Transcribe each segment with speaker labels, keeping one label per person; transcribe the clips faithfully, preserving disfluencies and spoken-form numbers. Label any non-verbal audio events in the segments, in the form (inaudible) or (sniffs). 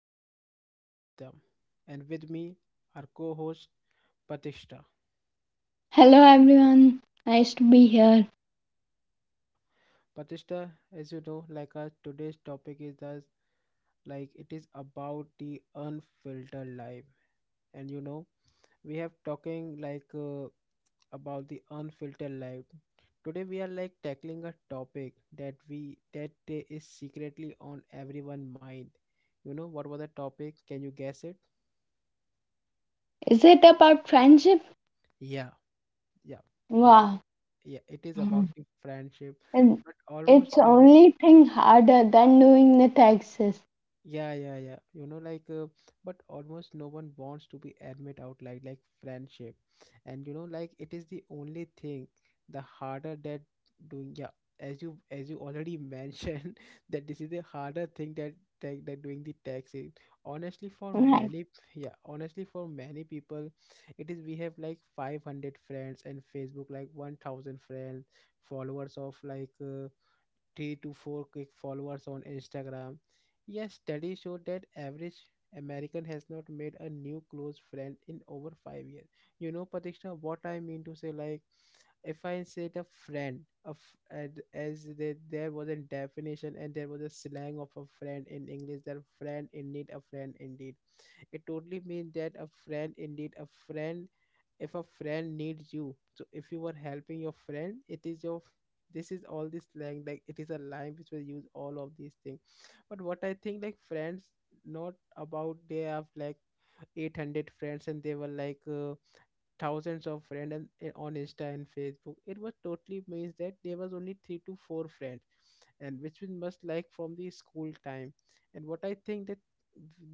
Speaker 1: I am your host Satyam and with me our co-host Patishta.
Speaker 2: Hello everyone, nice to be here.
Speaker 1: Yeah. Patishta, as you know, like our today's topic is that like it is about the unfiltered life. And you know, we have talking like uh, about the unfiltered life. Today we are like tackling a topic that we that uh, is secretly on everyone mind. You know what was the topic? Can you guess it?
Speaker 2: Is it about friendship?
Speaker 1: Yeah. Yeah.
Speaker 2: Wow,
Speaker 1: Yeah, it is about the friendship
Speaker 2: and
Speaker 1: but almost
Speaker 2: it's
Speaker 1: no one.
Speaker 2: only thing harder than doing the taxes.
Speaker 1: Yeah yeah yeah you know like uh, But almost no one wants to be admit out like like friendship and you know like it is the only thing the harder that doing. Yeah, as you as you already mentioned (laughs) that this is the harder thing that that, that doing the taxi. Honestly for
Speaker 2: Right.
Speaker 1: many, yeah, honestly for many people it is, we have like five hundred friends and facebook like one thousand friends, followers of like uh, three to four quick followers on Instagram. Yes, studies show that average American has not made a new close friend in over five years. You know, Patricia, what I mean to say, like if I said a friend of and as there, there was a definition and there was a slang of a friend in English, that friend in need, a friend indeed. It totally means that a friend, indeed, a friend, if a friend needs you, so if you are helping your friend, it is your f- this is all this slang like it is a line which will use all of these things. But what I think like friends not about they have like eight hundred friends and they were like uh, thousands of friends and, and on Insta and Facebook. It was totally means that there was only three to four friends and which we must like from the school time. And what I think, that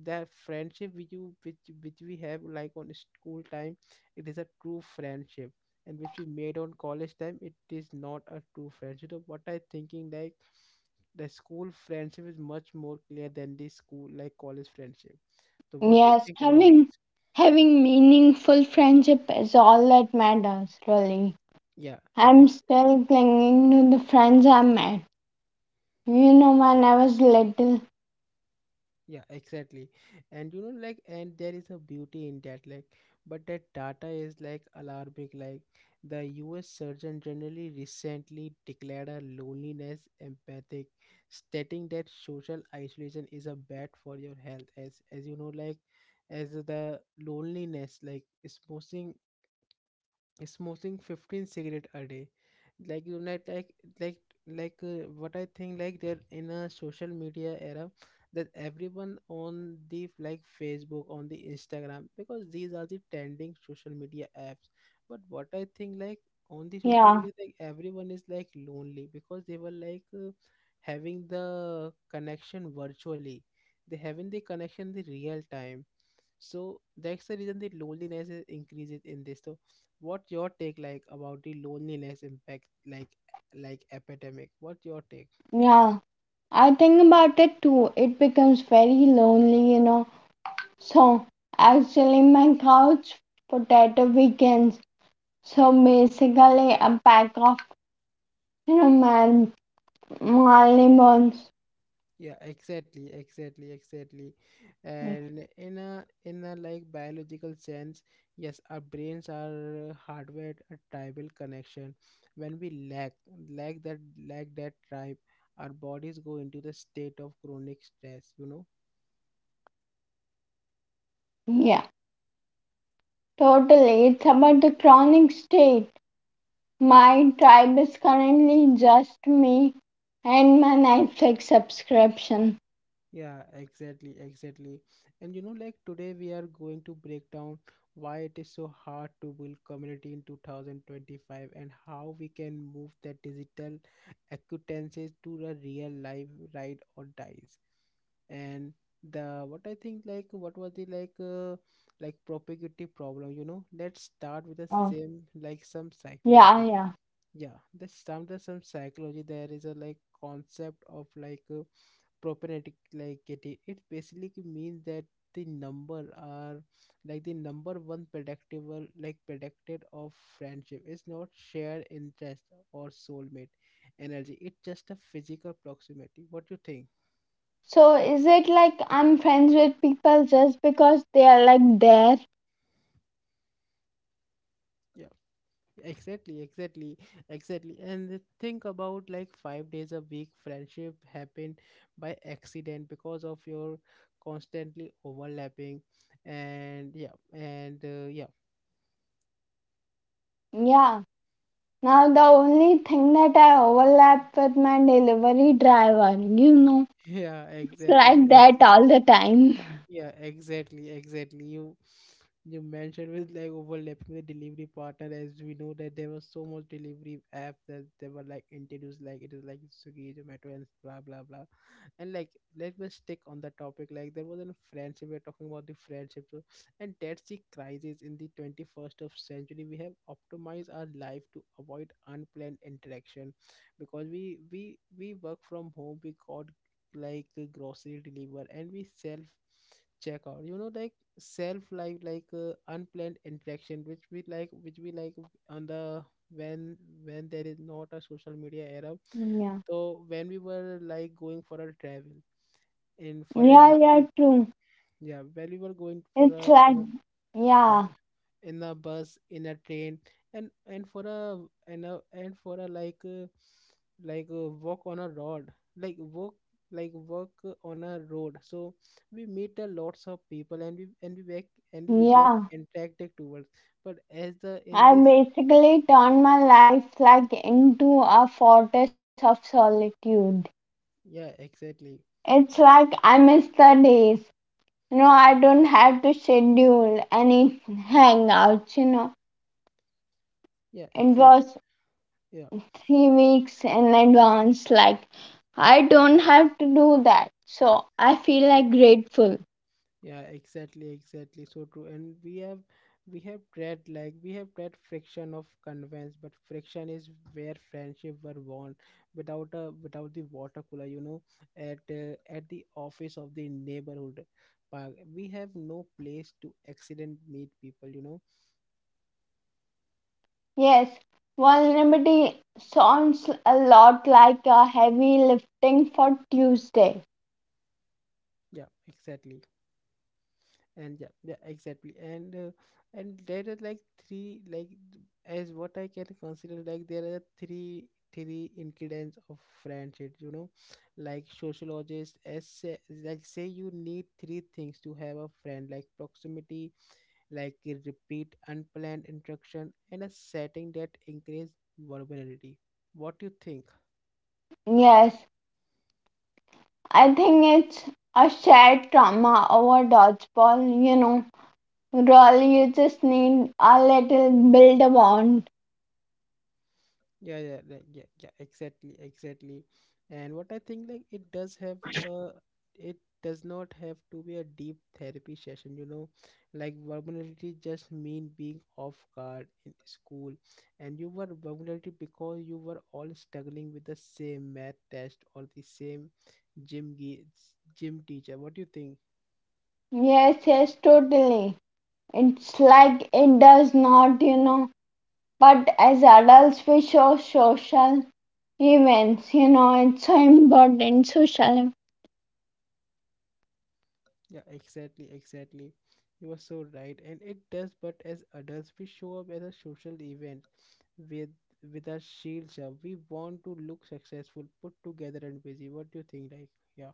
Speaker 1: that friendship which you which which we have like on school time, it is a true friendship, and which we made on college time it is not a true friendship. So what I thinking, like, the school friendship is much more clear than the school, like, college friendship. So what do you
Speaker 2: Yes,
Speaker 1: think about
Speaker 2: having
Speaker 1: this?
Speaker 2: having meaningful friendship is all that matters, really.
Speaker 1: Yeah. e-
Speaker 2: I'm still clinging to the friends I met. You know, when I was little.
Speaker 1: Yeah, exactly. And you know, like, and there is a beauty in that, like, but that data is like alarming. Like, the U S Surgeon Generally recently declared a loneliness empathic, stating that social isolation is a bad for your health. As, as you know, like, as the loneliness, like, is smoking fifteen cigarette a day, like, you know, like, like like uh, what I think like they're in a social media era that everyone on the like facebook on the instagram because these are the trending social media apps. But what I think, like, on the social
Speaker 2: Yeah,
Speaker 1: media like everyone is like lonely because they were like uh, having the connection virtually, they having the connection the real time. So that's the reason the loneliness is increases in this. So what your take like about the loneliness impact like like epidemic? What your take?
Speaker 2: yeah. I think about it too. It becomes very lonely, you know. So actually my couch potato weekends. So basically a pack of you know man Marley bones.
Speaker 1: Yeah, exactly, exactly, exactly. And in a in a like biological sense, yes, our brains are uh, hardwired a tribal connection. When we lack lack that lack that tribe, our bodies go into the state of chronic stress, you know.
Speaker 2: Yeah. Totally. It's about the chronic state. My tribe is currently just me and my Netflix subscription.
Speaker 1: Yeah, exactly, exactly. And you know, like today we are going to break down why it is so hard to build community in two thousand twenty-five and how we can move the digital acquaintances to the real life ride or dies. And the, what I think, like, what was the like uh, like propagative problem, you know? Let's start with the
Speaker 2: Oh.
Speaker 1: same, like, some
Speaker 2: Yeah,
Speaker 1: psychology.
Speaker 2: yeah.
Speaker 1: Yeah, let's start with some psychology. There is a like concept of like uh, propagate, like it i- it basically means that the number are like the number one predictable like predicted of friendship is not shared interest or soulmate energy, it's just a physical proximity. What you think?
Speaker 2: So is it like I'm friends with people just because they are like there?
Speaker 1: Yeah, exactly exactly exactly. And the think about like five days a week friendship happen by accident because of your constantly overlapping. And yeah, and uh, yeah.
Speaker 2: Yeah. Now, the only thing that I overlap with my delivery driver, you know,
Speaker 1: (laughs) Yeah,
Speaker 2: it's
Speaker 1: exactly,
Speaker 2: like that
Speaker 1: exactly.
Speaker 2: all the time.
Speaker 1: Yeah, exactly, exactly. You you mentioned with like overlapping the delivery partner, as we know that there was so much delivery app that they were like introduced, like it is like Swiggy, Zomato and blah blah blah. And like let me stick on the topic. Like there was a friendship, we're talking about the friendship, so, and that's the crisis in the twenty-first of century. We have optimized our life to avoid unplanned interaction because we we we work from home. We got like uh, grocery deliver and we self checkout, you know, like self like like uh, unplanned interaction which we like which we like on the when when there is not a social media era.
Speaker 2: Yeah,
Speaker 1: So when we were like going for a travel in, for
Speaker 2: yeah,
Speaker 1: example,
Speaker 2: yeah, true.
Speaker 1: yeah, when we were going for a
Speaker 2: It's like,
Speaker 1: in, yeah,
Speaker 2: yeah,
Speaker 1: in the bus, in a train, and and for a, and a and for a like uh, like uh, walk on a road, like walk, like walk uh, on a road. So we meet a lots of people and we and we back and we get
Speaker 2: yeah.
Speaker 1: interacted towards. But as the in
Speaker 2: I
Speaker 1: this,
Speaker 2: basically turned my life like into a fortress of solitude.
Speaker 1: yeah, exactly,
Speaker 2: It's like I miss the days. You know, I don't have to schedule any (laughs) hangouts, you know.
Speaker 1: yeah,
Speaker 2: It
Speaker 1: exactly,
Speaker 2: was
Speaker 1: yeah.
Speaker 2: three weeks in advance. Like, I don't have to do that. So I feel like grateful.
Speaker 1: Yeah, exactly, exactly. So true. And we have, we have tried like we have tried friction of conveyance, but friction is where friendship were born. Without a without the water cooler, you know, at uh, at the office of the neighborhood park, we have no place to accident meet people. You know.
Speaker 2: Yes, vulnerability sounds a lot like a heavy lifting for Tuesday.
Speaker 1: Yeah, exactly. And yeah, yeah exactly and uh, and there are like three, like th- as what I can consider, like there are three three ingredients of friendship, you know, like sociologist as say, like say you need three things to have a friend, like proximity, like a repeat unplanned interaction, and a setting that increase vulnerability. What do you think?
Speaker 2: Yes, I think it's a shared trauma over dodgeball, you know. Really, you just need a little build a bond.
Speaker 1: Yeah, yeah, like, yeah, yeah, exactly, exactly. And what I think, like, it does have uh it does not have to be a deep therapy session, you know, like vulnerability just mean being off guard in school, and you were vulnerable because you were all struggling with the same math test or the same gym ge- gym teacher. What do you think?
Speaker 2: Yes, yes, totally. It's like it does not, you know, but as adults, we show social events, you know, it's so important. Social,
Speaker 1: Yeah, exactly, exactly. You are so right, and it does. But as adults, we show up at a social event with with our shields up. We want to look successful, put together, and busy. What do you think? Like, yeah.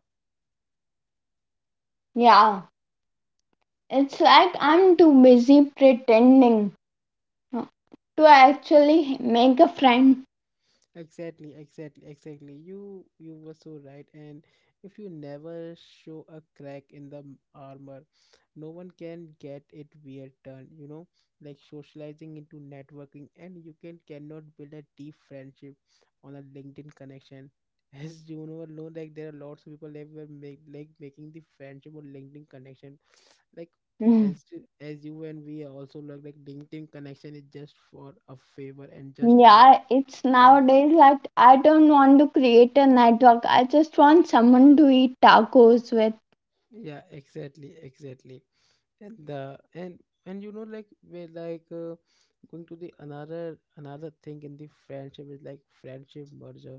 Speaker 2: yeah, it's like I'm too busy pretending uh, to actually make a friend.
Speaker 1: Exactly, exactly, exactly. You you were so right. And if you never show a crack in the m- armor, no one can get it weird turn, you know, like socializing into networking and you can cannot build a deep friendship on a LinkedIn connection. (laughs) As you know alone, like there are lots of people that were make like making the friendship or LinkedIn connection. Like
Speaker 2: Mm.
Speaker 1: as you- as you, and we also look like LinkedIn connection is just for a favor and just for,
Speaker 2: Yeah, it's
Speaker 1: yeah,
Speaker 2: nowadays like I don't want to create a network, I just want someone to eat tacos with.
Speaker 1: yeah, exactly, exactly. And the and and you know like we're like uh, going to the another another thing in the friendship is like friendship merger,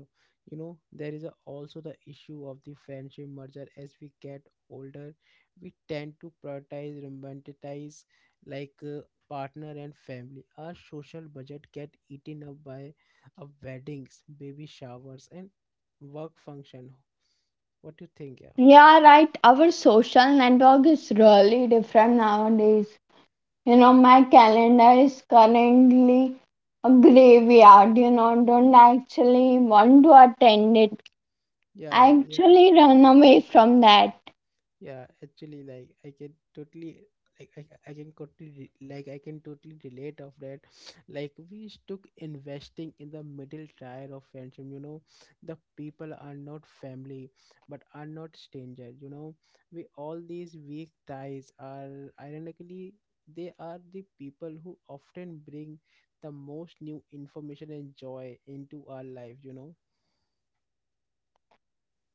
Speaker 1: you know. There is a, also the issue of the friendship merger, as we get older we tend to prioritize romanticize like uh, partner and family, our social budget get eaten up by of weddings, baby showers and work function. What do you think? Yeah,
Speaker 2: Yeah, right, our social network is really different nowadays. You know, my calendar is currently a graveyard. You know, don't actually want to attend it.
Speaker 1: yeah,
Speaker 2: I
Speaker 1: yeah.
Speaker 2: actually run away from that.
Speaker 1: Yeah, actually, like I can totally, like I, I can totally, re- like I can totally relate of that. (sniffs) Like we stuck investing in the middle tier of friendship. You know, the people are not family, but are not stranger. You know, we all these weak ties are ironically, they are the people who often bring the most new information and joy into our life. You know.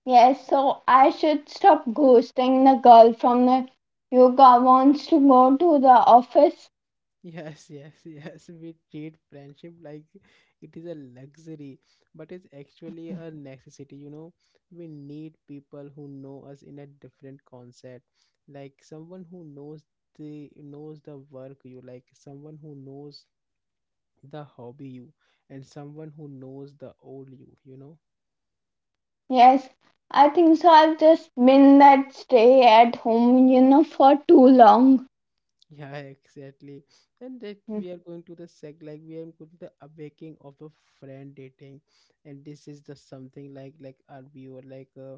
Speaker 2: Yes, so I should stop ghosting the girl from the yoga wants to go to the office.
Speaker 1: Yes, yes, (laughs) yes. We treat friendship like it is a luxury, but it's actually a necessity. You know, we need people who know us in a different concept, like someone who knows the knows the work you like, someone who knows the hobby you, and someone who knows the old you. You know.
Speaker 2: Yes, I think so. I've just been that stay at home, you know, for too long.
Speaker 1: Yeah, exactly. And that
Speaker 2: Mm.
Speaker 1: we are going to the sec like we are going to the awakening of a friend dating, and this is the something like like our viewer like uh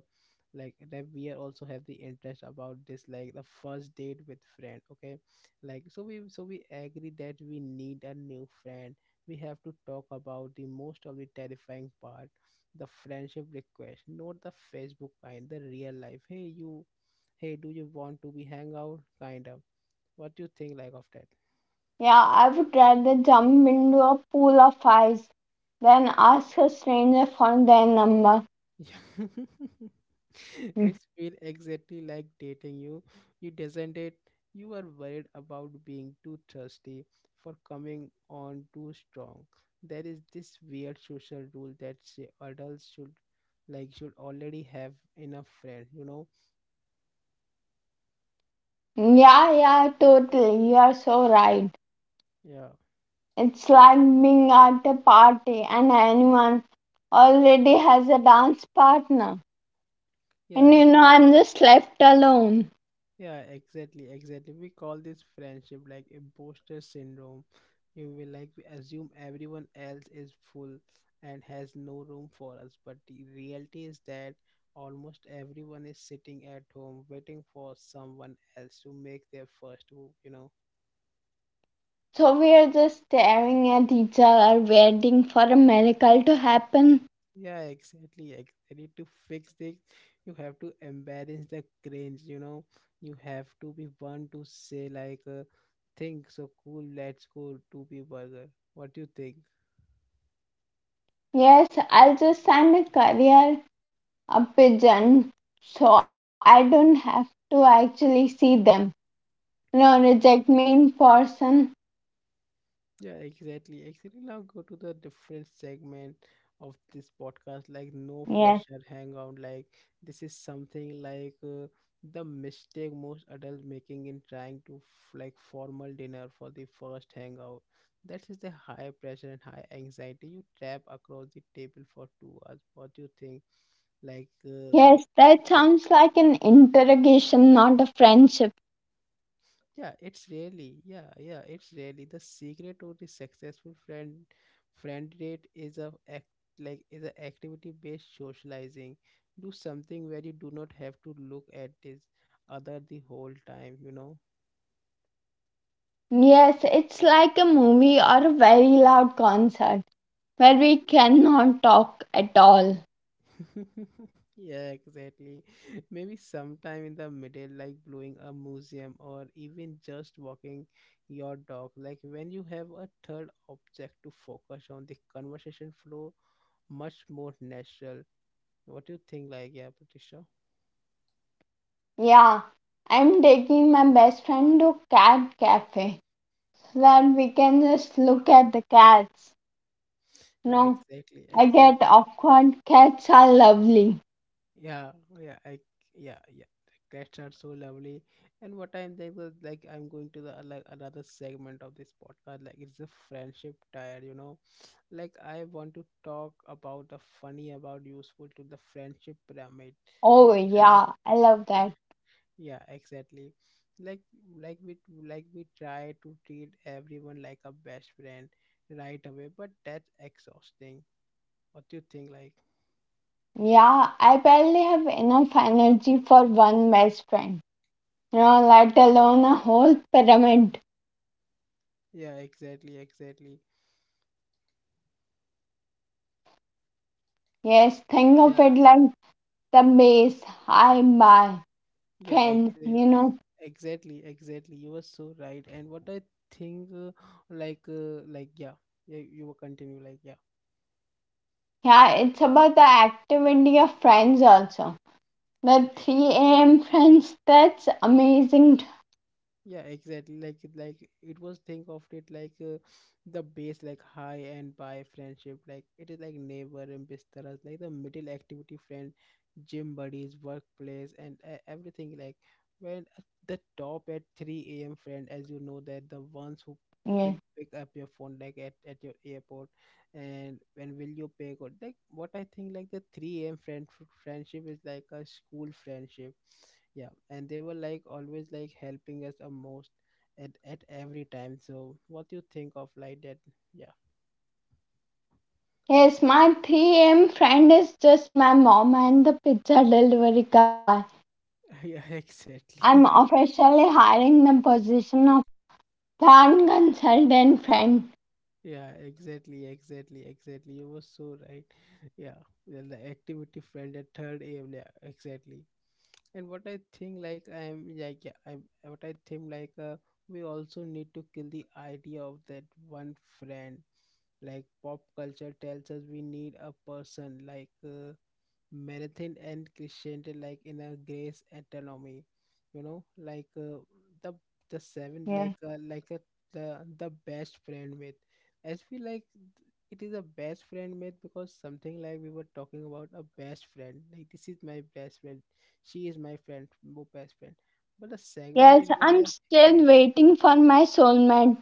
Speaker 1: like that we are also have the interest about this, like the first date with friend. Okay, like so we so we agree that we need a new friend. We have to talk about the most of the terrifying part, the friendship request, not the Facebook kind, the real life. Hey you, hey do you want to be hang out kind of. What do you think like of that? (laughs)
Speaker 2: Yeah, I would rather jump into a pool of ice than ask a stranger for their number.
Speaker 1: Yeah. (laughs)
Speaker 2: Mm.
Speaker 1: It's feel exactly like dating you. You doesn't it. You are worried about being too thirsty for coming on too strong. There is this weird social rule that say adults should like should already have enough friends, you know?
Speaker 2: Yeah, yeah, totally. You are so right.
Speaker 1: Yeah.
Speaker 2: It's like being at a party and anyone already has a dance partner.
Speaker 1: Yeah,
Speaker 2: And you know, I'm just left alone.
Speaker 1: yeah, exactly, exactly. We call this friendship like imposter syndrome. You will like we assume everyone else is full and has no room for us, but the reality is that almost everyone is sitting at home waiting for someone else to make their first move, you know.
Speaker 2: So we are just staring at each other, waiting for a miracle to happen.
Speaker 1: Yeah, exactly, exactly. To fix this, you have to embarrass the cringe, you know. You have to be one to say like uh, think so cool, let's go to be burger. What do you think?
Speaker 2: Yes, I'll just sign a career a pigeon so I don't have to actually see them. You know, reject me in person.
Speaker 1: Yeah, exactly. Actually, now go to the different segment of this podcast, like no
Speaker 2: Yeah.
Speaker 1: pressure hangout. Like this is something like uh, the mistake most adults making in trying to f- like formal dinner for the first hangout. That is the high pressure and high anxiety. You trap across the table for two hours. What do you think? Like uh, what?
Speaker 2: Yes, that sounds like an interrogation, not a friendship.
Speaker 1: Yeah, it's really yeah yeah it's really the secret to the successful friend friend date is a act like is a activity based socializing. Do something where you do not have to look at this other the whole time you know
Speaker 2: Yes, it's like a movie or a very loud concert where we cannot talk at all.
Speaker 1: (laughs) Yeah, exactly. (laughs) Maybe sometime in the middle, like blowing a museum or even just walking your dog. Like when you have a third object to focus on, the conversation flow much more natural. What do you think? Like, yeah, Patricia.
Speaker 2: Yeah, I'm taking my best friend to cat cafe so that we can just look at the cats.
Speaker 1: Yeah,
Speaker 2: No,
Speaker 1: exactly,
Speaker 2: I get
Speaker 1: exactly.
Speaker 2: awkward. Cats are lovely.
Speaker 1: Yeah, yeah, I, yeah, yeah. Cats are so lovely. And what I'm like, was like I'm going to the uh, like another segment of this podcast. Like, it's a friendship tire, you know. Like, I want to talk about the funny, about useful to the friendship pyramid. We
Speaker 2: Oh,
Speaker 1: try,
Speaker 2: yeah, I love that.
Speaker 1: yeah, exactly. Like, like we like we try to treat everyone like a best friend right away, but that's exhausting. What do you think? Like.
Speaker 2: Yeah, I barely have enough energy for one best friend. Yeah, let alone a whole pyramid.
Speaker 1: Yeah, exactly, exactly.
Speaker 2: Yes, think of
Speaker 1: Yeah,
Speaker 2: it like the base. I buy
Speaker 1: yeah,
Speaker 2: friends,
Speaker 1: exactly.
Speaker 2: you know.
Speaker 1: Exactly, exactly. You were so right. And what I think, uh, like, uh, like, yeah, yeah, you will continue, like, yeah,
Speaker 2: Yeah, it's about the activity of friends also. The
Speaker 1: yeah.
Speaker 2: three a m friends, that's amazing. To
Speaker 1: Yeah, exactly, like like it was think of it like uh, the base like high and by friendship like it is like neighbor and bistaras like the middle activity friend, gym buddies, workplace and uh, everything like when at the top at three a.m. friend, as you know, that the ones who will
Speaker 2: me.
Speaker 1: pick up your phone like at, at your airport and when will you pay good, like what I think, like the three a.m. friend friendship is like a school friendship. Yeah, and they were like always like helping us a most at at every time. So what you think of like that? Yeah.
Speaker 2: Yes, my three a m friend is just my mom and the pizza delivery guy.
Speaker 1: (laughs) Yeah,
Speaker 2: I'm
Speaker 1: exactly.
Speaker 2: officially hiring the position of plan consultant friend.
Speaker 1: (laughs) Yeah, exactly, exactly, exactly. You were so right. (laughs) Yeah. Well, the activity friend at third aim. Yeah, exactly. And what I think, like, I am like, yeah, I'm, what I think like, uh, we also need to kill the idea of that one friend. Like, pop culture tells us we need a person like uh, marathon and christianity like in a grace autonomy, you know, like uh, the the seven
Speaker 2: Yeah.
Speaker 1: like uh, like a, the the best friend myth. As we like, it is a best friend myth because something like we were talking about a best friend, like this is my best friend, she is my friend my best friend. But the segment
Speaker 2: Yes,
Speaker 1: is more
Speaker 2: I'm
Speaker 1: like yeah,
Speaker 2: still waiting for my soulmate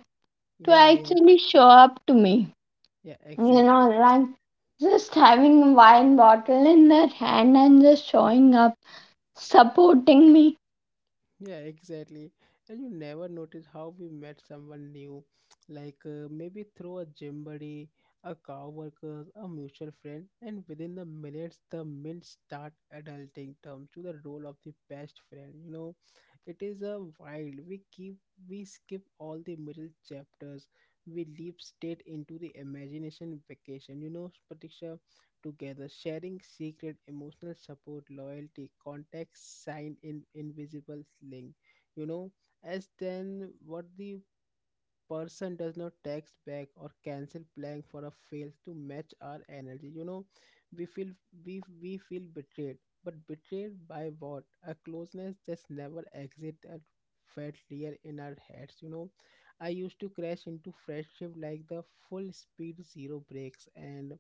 Speaker 2: to
Speaker 1: yeah, yeah,
Speaker 2: actually show up to me.
Speaker 1: yeah,
Speaker 2: You
Speaker 1: exactly,
Speaker 2: know, like
Speaker 1: exactly.
Speaker 2: just having a wine bottle in their hand and just showing up, supporting me.
Speaker 1: Yeah, exactly. And you never notice how we met someone new, like uh, maybe through a gym buddy, a coworker, a mutual friend, and within the minutes, the mints start adulting terms to the role of the best friend. You know, it is a wild. We keep we skip all the middle chapters. We leap straight into the imagination vacation. You know, Pratisha, together, sharing secret emotional support, loyalty, contacts, sign in invisible link. You know, as then what the person does not text back or cancel plan for a fails to match our energy. You know, we feel we we feel betrayed, but betrayed by what? A closeness that's never exit that felt real in our heads. You know, I used to crash into friendship like the full speed zero breaks and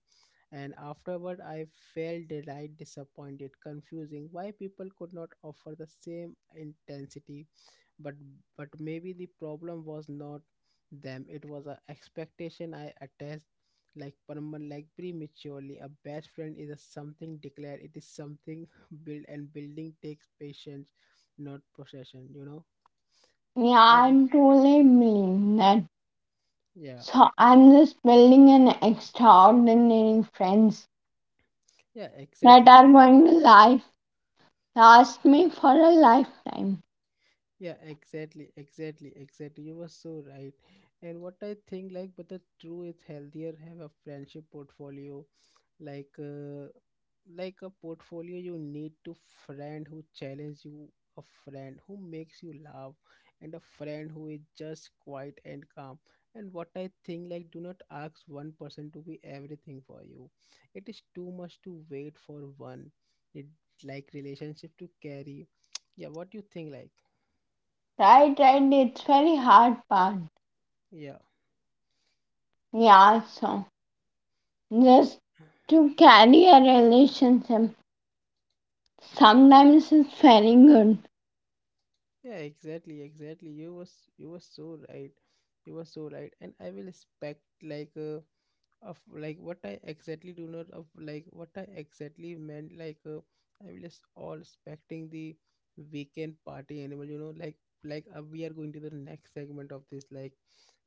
Speaker 1: and afterward I felt delight, disappointed, confusing why people could not offer the same intensity. But but maybe the problem was not them; it was an expectation I attached like permanent, like prematurely. A best friend is a something declared; it is something (laughs) built, and building takes patience, not possession. You know.
Speaker 2: Yeah,
Speaker 1: Eh,
Speaker 2: I truly believe that.
Speaker 1: yeah,
Speaker 2: So I'm just building an extraordinary friends
Speaker 1: yeah,
Speaker 2: that
Speaker 1: exactly.
Speaker 2: are going to life last me for a lifetime.
Speaker 1: Yeah, exactly, exactly, exactly. You were so right. And what I think, like, but the true is healthier have a friendship portfolio, like, uh, like a portfolio you need to friend who challenge you, a friend who makes you laugh, and a friend who is just quiet and calm. And what I think, like, do not ask one person to be everything for you. It is too much to wait for one. It like relationship to carry. (tsk) Yeah, what do you think, like?
Speaker 2: Right, right, it's very hard part.
Speaker 1: Yeah.
Speaker 2: Yeah, so just to carry a relationship sometimes it's very good.
Speaker 1: Yeah, exactly, exactly. You was you were so right. You were so right. And I will expect like uh, of like what I exactly do not of like what I exactly meant like uh, I'm just all expecting the weekend party animal, you know, like like uh, we are going to the next segment of this like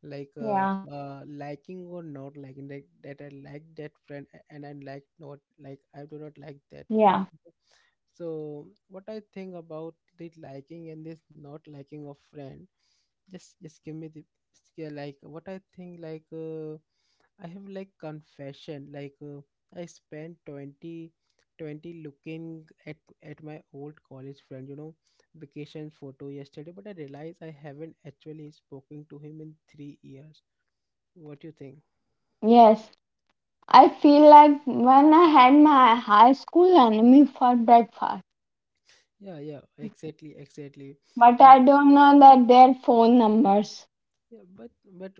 Speaker 1: like uh,
Speaker 2: Yeah.
Speaker 1: uh liking or not liking, like that I like that friend a- and I like not like I do not like that
Speaker 2: Yeah,
Speaker 1: friend, okay? So what I think about the liking and this not liking of friend, just just give me the just. Yeah, like what I think, like uh, I have like confession, like uh, I spent twenty twenty looking at at my old college friend, you know, vacation photo yesterday, but I realized I haven't actually spoken to him in three years. What do you think?
Speaker 2: yes. I feel like when I had my high school enemy for breakfast,
Speaker 1: Yeah, yeah, exactly, exactly.
Speaker 2: but
Speaker 1: And
Speaker 2: I don't know that their phone numbers.
Speaker 1: yeah, but but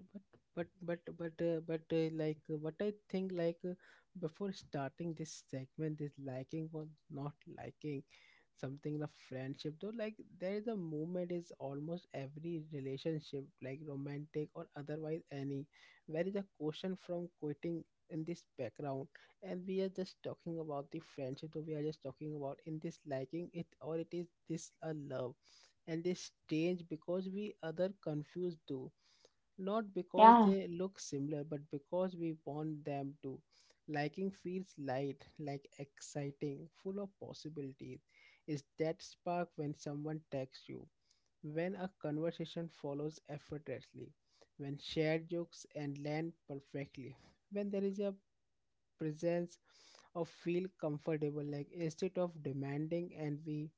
Speaker 1: but but but but uh, but uh, like uh, what I think, like uh, before starting this segment, this liking or not liking something in a friendship though, like there is a movement is almost every relationship like romantic or otherwise, any where is a question from quitting in this background. And we are just talking about the friendship, so we are just talking about in this liking it or it is this a love. And they strange because we other confused too, not because
Speaker 2: Yeah.
Speaker 1: they look similar but because we want them to. Liking feels light like exciting, full of possibilities. Is that spark when someone texts you, when a conversation follows effortlessly, when shared jokes and land perfectly, when there is a presence or feel comfortable like instead of demanding, and we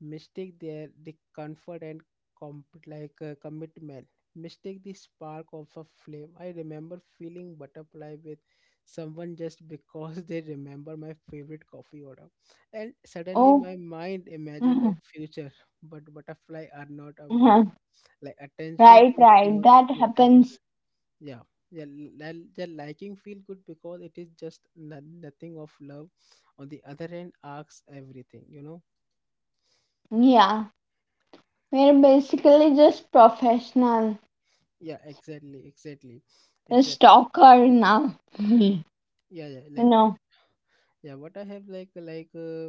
Speaker 1: mistake their the comfort and comp like uh, commitment, mistake the spark of a flame. I remember feeling butterfly with someone just because they remember my favorite coffee order, and suddenly
Speaker 2: Oh,
Speaker 1: my mind
Speaker 2: (laughs)
Speaker 1: imagined a
Speaker 2: right,
Speaker 1: future. But butterfly are not a boss, like attention
Speaker 2: right.
Speaker 1: is not.
Speaker 2: That happens.
Speaker 1: Yeah. Yeah, li- yeah, liking feel good because it is just no- nothing of love. On the other hand asks everything, you know.
Speaker 2: Yeah. We're basically just professional,
Speaker 1: Yeah, exactly, exactly,
Speaker 2: the
Speaker 1: exactly.
Speaker 2: stalker now. (laughs) you
Speaker 1: Yeah, yeah, like,
Speaker 2: know,
Speaker 1: yeah. What I have, like like uh,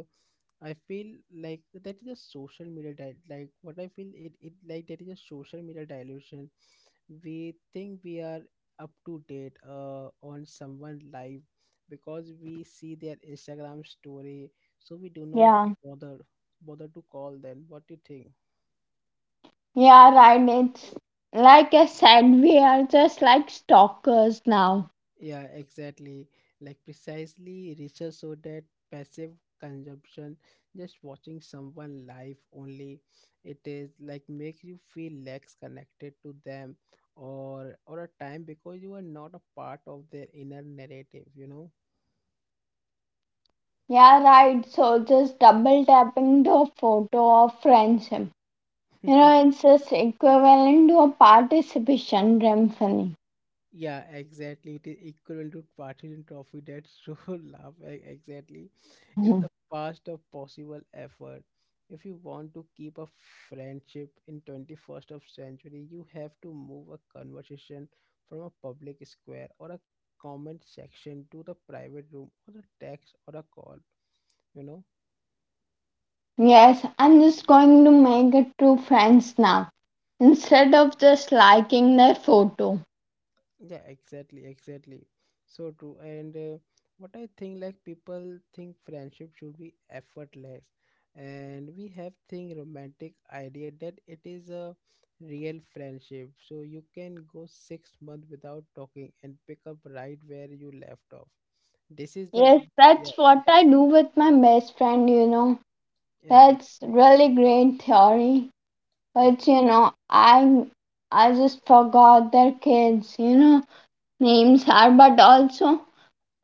Speaker 1: I feel like that is a social media di- like what I feel it, it like that is a social media dilution. We think we are up to date uh, on someone live because we see their Instagram story, so we do not
Speaker 2: yeah.
Speaker 1: bother bother to call them. What do you think?
Speaker 2: Yeah, right. It's like I said, we are just like stalkers now.
Speaker 1: Yeah, exactly. Like, precisely research showed that passive consumption, just watching someone live only, it is like make you feel less connected to them, or or a time, because you are not a part of their inner narrative, you know?
Speaker 2: Yeah, right. So just double tapping the photo of friendship. You know,
Speaker 1: (laughs)
Speaker 2: it's just equivalent to a participation symphony.
Speaker 1: Yeah, exactly. It is equivalent to partisan trophy. That's so (laughs) love. e- Exactly. It
Speaker 2: Mhm.
Speaker 1: is the past of possible effort. If you want to keep a friendship in twenty-first of century, you have to move a conversation from a public square or a comment section to the private room or a text or a call, you know?
Speaker 2: Yes, I'm just going to make it to friends now instead of just liking their photo.
Speaker 1: yeah exactly exactly so true. And uh, what I think, like, people think friendship should be effortless, and we have think romantic idea that it is a real friendship, so you can go six months without talking and pick up right where you left off this is the
Speaker 2: Yes,
Speaker 1: yeah
Speaker 2: that's what
Speaker 1: th-
Speaker 2: I do with my best friend, you know.
Speaker 1: yeah ex-
Speaker 2: That's really great theory.
Speaker 1: yeah
Speaker 2: But you know, I I just forgot their kids, you know, names are but also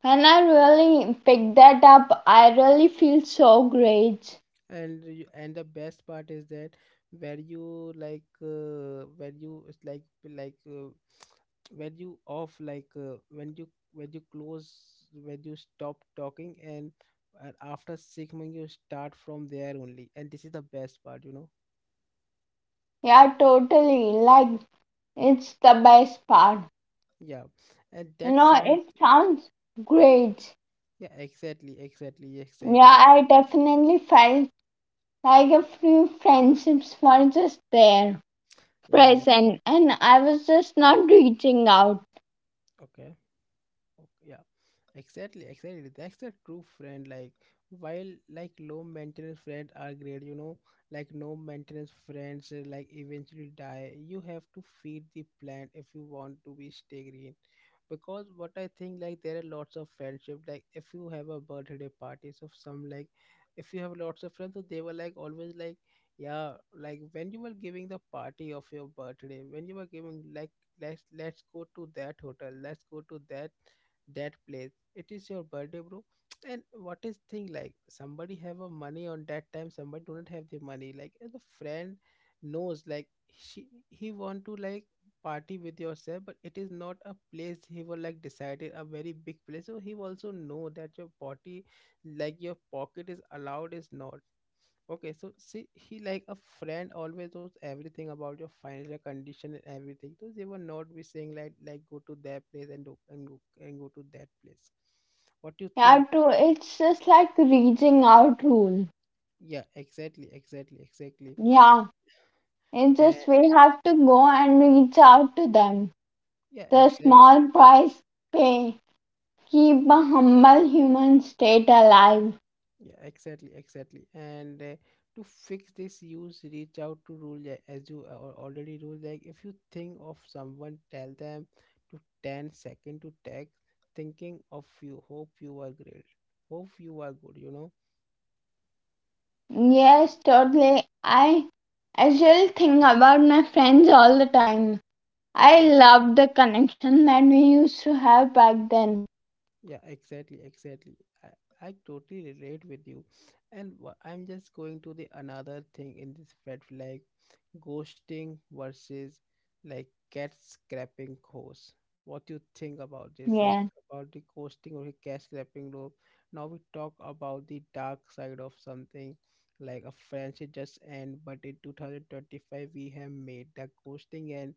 Speaker 2: when I really pick that up, I really feel so great.
Speaker 1: and you, and the best part is that where you like uh, where you it's like like uh, (sniffs) (tsk) where you off like uh, when you when you close when you stop talking, and, and after six months you start from there only, and this is the best part, you know.
Speaker 2: Yeah, totally. Like, it's the best part.
Speaker 1: yeah and
Speaker 2: You
Speaker 1: that
Speaker 2: know,
Speaker 1: sound
Speaker 2: it sounds great.
Speaker 1: yeah exactly exactly exactly
Speaker 2: Yeah, I definitely felt like a few friendships were just there,
Speaker 1: yeah yeah
Speaker 2: present, and I was just not reaching out.
Speaker 1: Okay. Okay, yeah, exactly, exactly. That's a true friend. Like, while like low maintenance friends are great, you know, like no maintenance friends uh, like eventually die. You have to feed the plant if you want to be stay green. Because what I think, like, there are lots of friendship. Like if you have a birthday parties of some, like if you have lots of friends, so they were like always like, yeah, like when you were giving the party of your birthday, when you were giving like let's let's go to that hotel, let's go to that that place, it is your birthday, bro. And what is thing, like somebody have a money on that time, somebody do not have the money, like, and the friend knows, like, she he want to like party with yourself, but it is not a place he will like decided a very big place, so he also know that your body, like your pocket is allowed is not. Okay, so see, he like a friend always knows everything about your financial condition and everything. So they will not be saying like like go to that place and do, and go and go to that place. What do you
Speaker 2: Yeah,
Speaker 1: think?
Speaker 2: to, it's just like reaching out rule.
Speaker 1: Yeah, exactly, exactly, exactly.
Speaker 2: Yeah, it's just
Speaker 1: And
Speaker 2: we have to go and reach out to them.
Speaker 1: yeah,
Speaker 2: The
Speaker 1: exactly.
Speaker 2: small price pay keep a humble human state alive.
Speaker 1: Yeah, exactly, exactly. And uh, to fix this, use reach out to rule, like, as you uh, al- already rule. Like if you think of someone, tell them to ten second to tag thinking of you. Hope you are great. Hope you are good, you know.
Speaker 2: Yes, totally. I I still think about my friends all the time. I love the connection that we used to have back then.
Speaker 1: Yeah, exactly, exactly. I, I totally relate with you. And wha- I'm just going to the another thing in this red flag, ghosting versus like cat scrapping course. What do you think about this?
Speaker 2: Yeah.
Speaker 1: Like, about the ghosting or the cat scrapping rope. Now we talk about the dark side of something, like a friendship just end, but in two thousand twenty-five we have made the ghosting and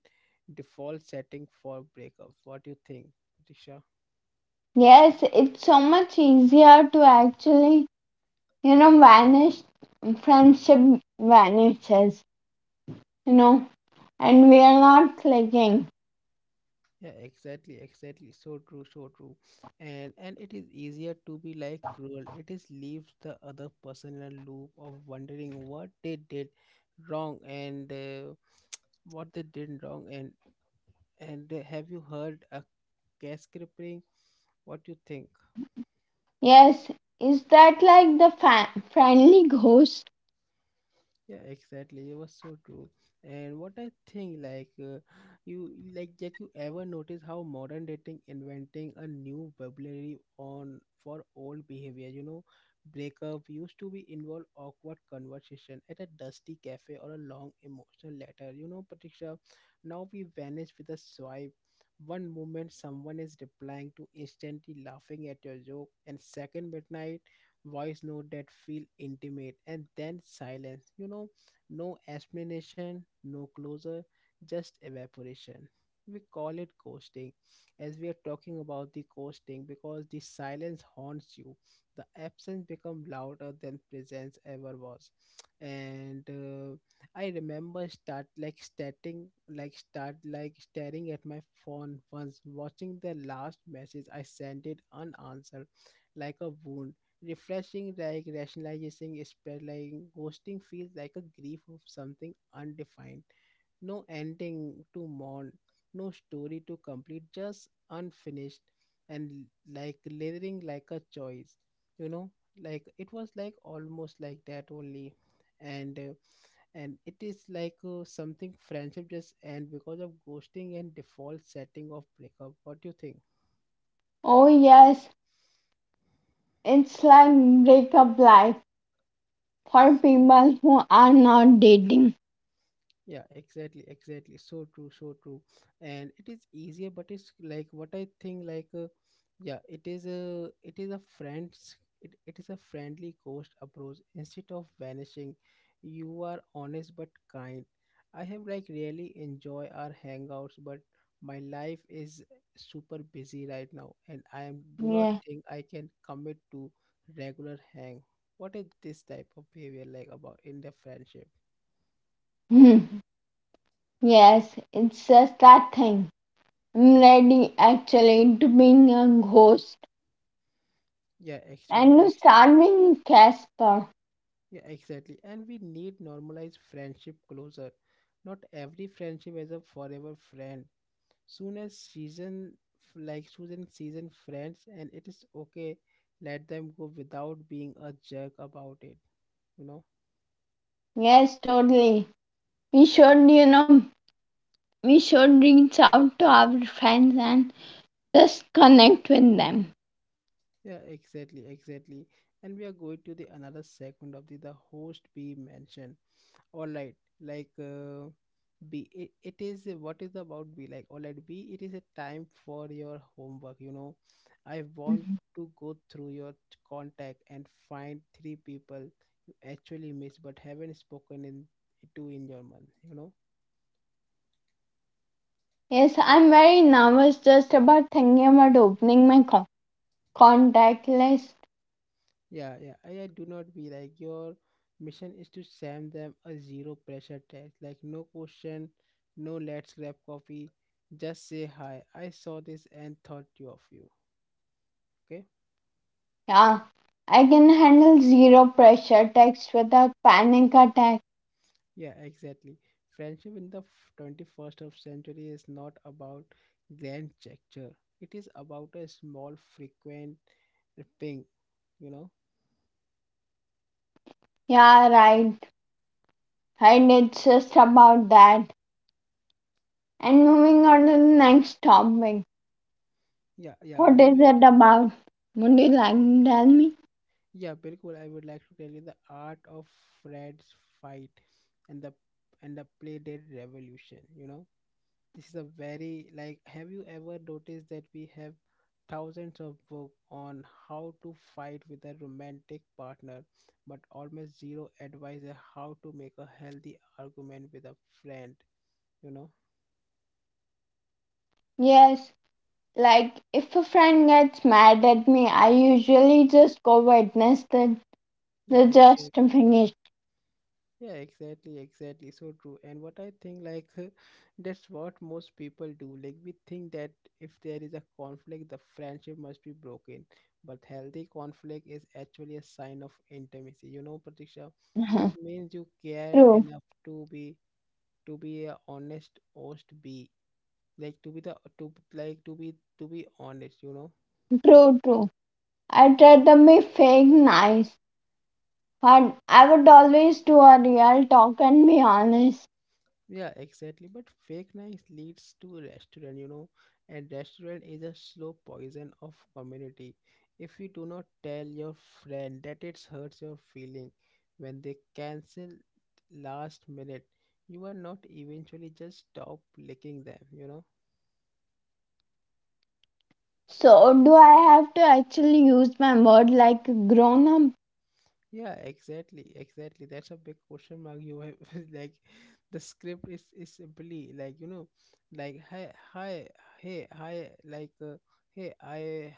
Speaker 1: default setting for breakups. What do you think, Tisha?
Speaker 2: Yes, it's so much easier to actually, you know, vanish friendship vanishes, you know, and we are not clicking.
Speaker 1: Yeah, exactly, exactly. So true, so true. And and it is easier to be like cruel. It is leaves the other person in a loop of wondering what they did wrong, and uh, (tsk) what they did wrong. And and uh, have you heard a case crippling? What do you think?
Speaker 2: Yes, is that like the fa- friendly ghost?
Speaker 1: yeah exactly it was so true And what I think, like, uh, you like Jack, you ever notice how modern dating inventing a new vocabulary on for old behavior, you know? Breakup used to be involve awkward conversation at a dusty cafe or a long emotional letter, you know, Patricia. Now we vanish with a swipe. One moment someone is replying to instantly laughing at your joke, and second midnight voice note that feel intimate, and then silence, you know. No explanation, no closure, just evaporation. We call it ghosting. As we are talking about the ghosting, because the silence haunts you, the absence become louder than presence ever was. And uh, I remember start like starting like start like staring at my phone once, watching the last message I sent it unanswered, like a wound, refreshing, like rationalizing spread, like ghosting feels like a grief of something undefined. No ending to mourn, no story to complete, just unfinished. And like lingering like a choice, you know. Like it was like almost like that only. And uh, and it is like uh, something friendship just end because of ghosting and default setting of breakup. What do you think?
Speaker 2: Oh yes, it's like breakup life for people who are not dating.
Speaker 1: Yeah, exactly, exactly. So true, so true. And it is easier, but it's like what I think like uh, yeah, it is a it is a friends it, it is a friendly ghost approach. Instead of vanishing, you are honest but kind. I have like really enjoy our hangouts, but my life is super busy right now, and I am do not
Speaker 2: Yeah.
Speaker 1: think I can commit to regular hang. What is this type of behavior like about in the friendship?
Speaker 2: Hmm. Yes, it's just that thing. I'm ready actually to being a ghost
Speaker 1: Yeah, actually.
Speaker 2: and to start being Casper.
Speaker 1: Yeah, exactly. And we need normalize friendship closer. Not every friendship is a forever friend. Soon as season f- like Susan season friends, and it is okay. Let them go without being a jerk about it. You know?
Speaker 2: Yes, totally. We should, you know, we should reach out to our friends and just connect with them.
Speaker 1: Yeah, exactly, exactly. And we are going to the another segment of the the host be mentioned. All right. like uh, be it, it is a- what is about be like, all right, be it is a time for your homework, you know. I want
Speaker 2: Mhm.
Speaker 1: to go through your t- contact and find three people you actually miss but haven't spoken in to in your month, you know.
Speaker 2: Yes, I'm very nervous just about thinking about opening my co- contact list.
Speaker 1: Yeah yeah i, I do not be like your mission is to send them a zero pressure test, like no question, no let's grab coffee. Just say hi, I saw this and thought you of you. Okay.
Speaker 2: Yeah, I can handle zero pressure text without panic attack.
Speaker 1: Yeah, exactly. Friendship in the f- twenty-first of century is not about grand gesture. It is about a small, frequent ping, you know?
Speaker 2: Yeah, right. Right, it's just about that. And moving on to the next topic.
Speaker 1: Yeah, yeah,
Speaker 2: What
Speaker 1: we
Speaker 2: is
Speaker 1: were,
Speaker 2: it about? Would you like to tell me?
Speaker 1: yeah, Bilkul, I would like to tell you the art of Fred's fight and the and the play dead revolution, you know? This is a very like, have you ever noticed that we have thousands of books on how to fight with a romantic partner, but almost zero advice on how to make a healthy argument with a friend, you know?
Speaker 2: Yes, like if a friend gets mad at me, I usually just go witness the,
Speaker 1: Yeah.
Speaker 2: the justification.
Speaker 1: Yeah, exactly, exactly. So true. And what I think, like, (laughs) that's what most people do. Like, we think that if there is a conflict, the friendship must be broken. But healthy conflict is actually a sign of intimacy. You know, Pratisha, it
Speaker 2: (laughs)
Speaker 1: means you care
Speaker 2: true,
Speaker 1: enough to be to be a honest host, be like to be the to like to be to be honest. You know.
Speaker 2: true, true. I try to be fake nice. But I would always do a real talk and be honest.
Speaker 1: Yeah, exactly. But fake nice leads to restaurant, you know, and restaurant is a slow poison of community. If you do not tell your friend that it hurts your feeling when they cancel last minute, you are not eventually just stop licking them, you know.
Speaker 2: So, do I have to actually use my word like grown up?
Speaker 1: Yeah, exactly, exactly. That's a big question mark you have. (laughs) Like, the script is is simply like, you know, like hi, hi, hey, hi, like uh, hey, I,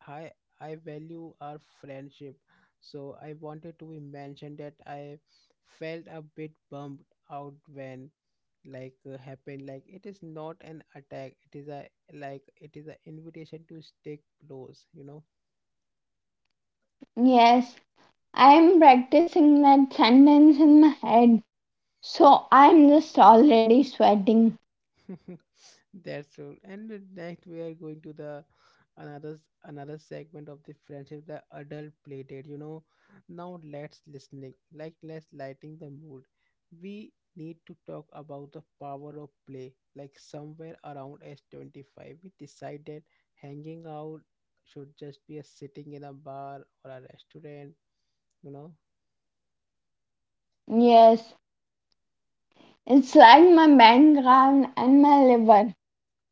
Speaker 1: hi, I value our friendship. So I wanted to be mentioned that I felt a bit bummed out when like uh, happened. Like it is not an attack, it is a like it is an invitation to stay close, you know.
Speaker 2: Yes, I am practicing that sentence in my head, so I am just already sweating.
Speaker 1: (laughs) That's true. And uh, next we are going to the another s- another segment of the friendship, the adult play date. You know, now let's listening, like let's lighting the mood. We need to talk about the power of play. Like somewhere around age twenty-five, we decided hanging out should just be a sitting in a bar or a restaurant. You know.
Speaker 2: Yes, it's like my background and my liver.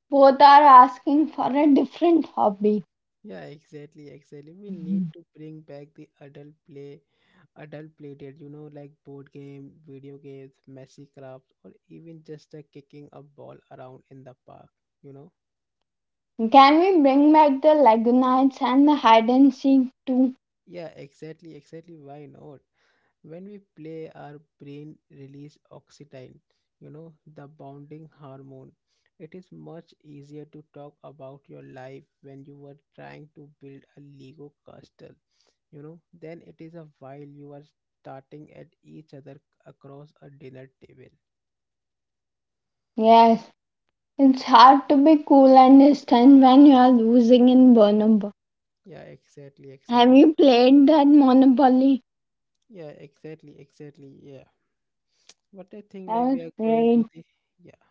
Speaker 2: Both are asking for a different hobby.
Speaker 1: Yeah, exactly, exactly. We need to bring back the adult play, adult play date, you know, like board game, video games, messy crafts, or even just uh, kicking a ball around in the park, you know?
Speaker 2: Can we bring back the Lagunites and the hide and seek too?
Speaker 1: Yeah, exactly, exactly. Why not? When we play, our brain release oxytocin, you know, the bonding hormone. It is much easier to talk about your life when you were trying to build a Lego castle, you know, then it is a while you are starting at each other across a dinner table.
Speaker 2: Yes, it's hard to be cool and distant when you are losing in Burnout.
Speaker 1: yeah exactly
Speaker 2: Have
Speaker 1: exactly
Speaker 2: you played that Monopoly?
Speaker 1: yeah exactly exactly yeah what I think,
Speaker 2: That
Speaker 1: like, we
Speaker 2: was
Speaker 1: are going to
Speaker 2: great.
Speaker 1: the yeah,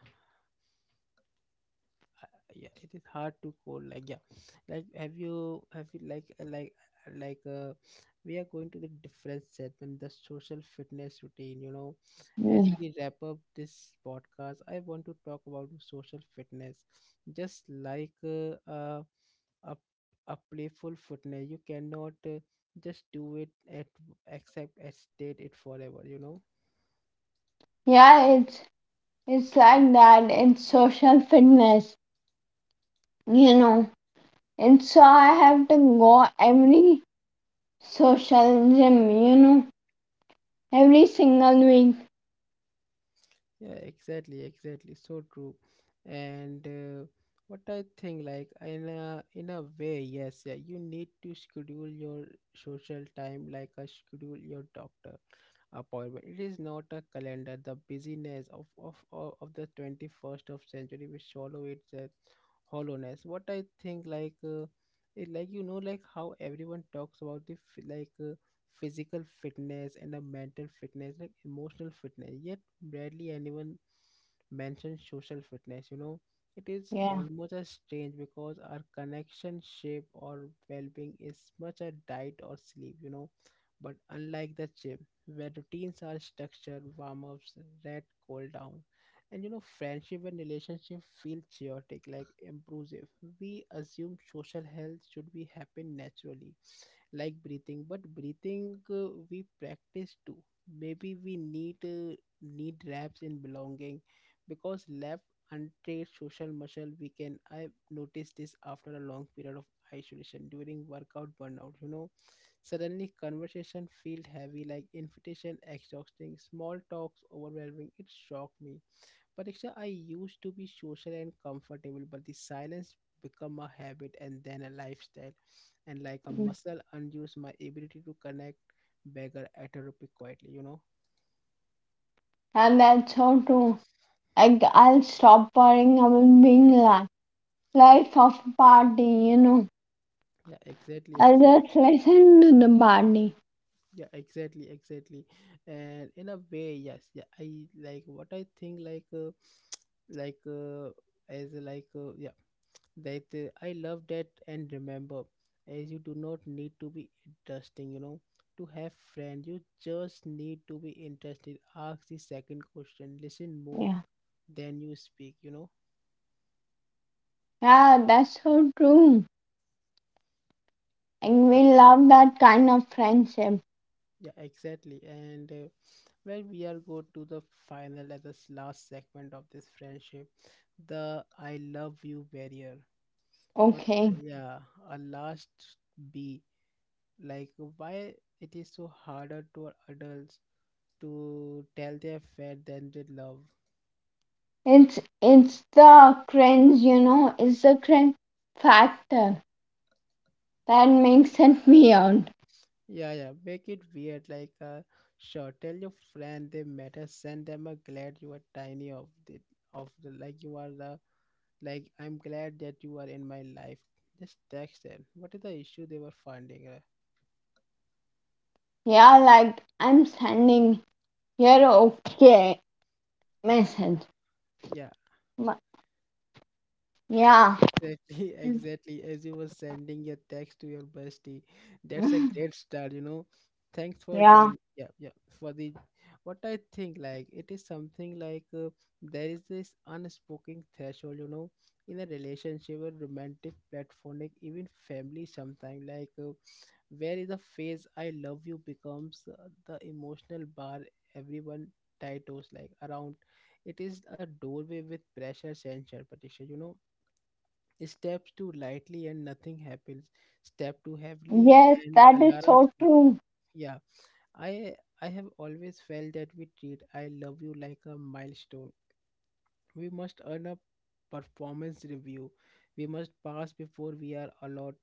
Speaker 1: yeah, it is hard to call, like, yeah, like have you have you like uh, like uh, like uh, we are going to the different segment, the social fitness routine, you know. As
Speaker 2: Mm.
Speaker 1: we wrap up this podcast, I want to talk about social fitness, just like uh, uh, a, a playful fitness. You cannot uh, just do it at except at state it forever, you know.
Speaker 2: Yeah, it's it's like that. It's social fitness, you know. And so I have to go every social gym, you know, every single week.
Speaker 1: Yeah, exactly, exactly. So true. And uh, what I think, like, in a in a way, yes, yeah, you need to schedule your social time like a schedule your doctor appointment. It is not a calendar. The busyness of of of of the twenty-first of century will swallow its uh, hollowness. What I think, like, uh, it, like you know, like how everyone talks about the f- like uh, physical fitness and a mental fitness, like emotional fitness. Yet barely anyone mentions social fitness. You know. It is
Speaker 2: Yeah.
Speaker 1: almost as strange because our connection, shape, or well being is much a diet or sleep, you know. But unlike the gym, where routines are structured, warm ups, red, cool down. And you know, friendship and relationship feel chaotic, like impulsive. We assume social health should be happen naturally like breathing, but breathing uh, we practice too. Maybe we need uh, need reps in belonging, because left untrained social muscle we can. I noticed this after a long period of isolation during workout burnout, you know. Suddenly conversation felt heavy, like invitation exhausting, small talks overwhelming. It shocked me, Pariksha, I used to be social and comfortable, but the silence become a habit and then a lifestyle. And like a muscle, unused, my ability to connect beggar atrophy quietly, you know?
Speaker 2: And that's so true. Like I'll stop worrying about being like life of a party, you know.
Speaker 1: Yeah, exactly,
Speaker 2: I'll
Speaker 1: exactly.
Speaker 2: just listen to the party.
Speaker 1: Yeah, exactly, exactly. And in a way, yes, yeah, I like what I think, like, uh, (tsk) like uh, as like uh, yeah, that uh, I love that. And remember, as you do not need to be interesting, you know, to have friends, you just need to be interested. Ask the second question, listen more
Speaker 2: Yeah.
Speaker 1: than you speak, you know.
Speaker 2: Yeah, that's so true. And
Speaker 1: yeah
Speaker 2: we love that kind of friendship.
Speaker 1: yeah exactly And uh, well, we are go to the final at this last segment of this friendship, the I love you barrier. What?
Speaker 2: Okay,
Speaker 1: Yeah. A last, b, like, why it is so harder to adults to tell their friend they did love.
Speaker 2: it's it's the cringe, you know, it's the cringe factor that makes it (laughs) weird.
Speaker 1: Yeah, yeah, make it weird. Like, uh, sure, tell your friend they matter. Send them a glad you are tiny of the of the like you are the like, I'm glad that you are in my life. Just text them. What is the issue they were finding? Uh,
Speaker 2: Yeah, like I'm sending your okay message.
Speaker 1: yeah,
Speaker 2: But yeah,
Speaker 1: exactly, (laughs) exactly. As you were sending your text to your bestie, that's a
Speaker 2: (laughs)
Speaker 1: great start, you know. Thanks for
Speaker 2: yeah,
Speaker 1: joining. Yeah, yeah. For the what I think, like, it is something like uh, there is this unspoken threshold, you know, in a relationship, a romantic, platonic, even family. Sometimes, like uh, where is the phase "I love you" becomes uh, the emotional bar everyone tattoos like around. It is a doorway with pressure, censure, petition, you know. Step too lightly and nothing happens. Step too heavily,
Speaker 2: yes,
Speaker 1: and
Speaker 2: that is
Speaker 1: alarms
Speaker 2: so
Speaker 1: go.
Speaker 2: true.
Speaker 1: Yeah, I I have always felt that we treat "I love you" like a milestone. We must earn a performance review. We must pass before we are allowed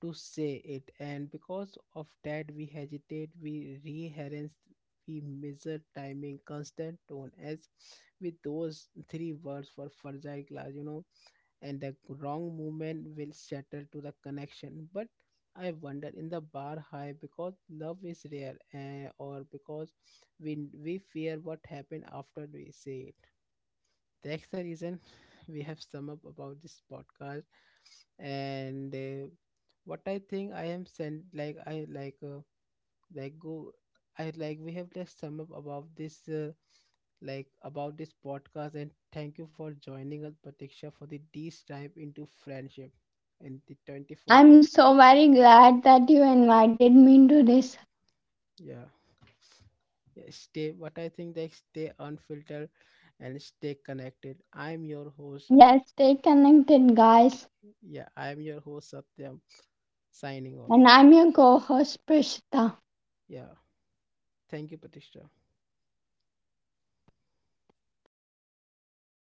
Speaker 1: to say it. And because of that, we hesitate, we rehearse, we measure timing, constant tone, as with those three words for fragile glass. You know, and the wrong movement will shatter to the connection. But I wonder in the bar high because love is rare, eh, or because we we fear what happened after we say it. That's the reason we have sum up about this podcast and. Uh, what I think I am sent like I like uh, like go, I like we have like sum up about this uh, like about this podcast, and thank you for joining us, Pratiksha, for the deep dive into friendship in the twenty-first of
Speaker 2: I'm so very glad that you invited me to this.
Speaker 1: yeah. Yeah. Stay what I think they stay unfiltered and stay connected. I'm your host.
Speaker 2: Yes, stay connected, guys.
Speaker 1: Yeah, I'm your host Satyam, signing off.
Speaker 2: And I'm your co host, Prishita.
Speaker 1: Yeah. Thank you, Patricia.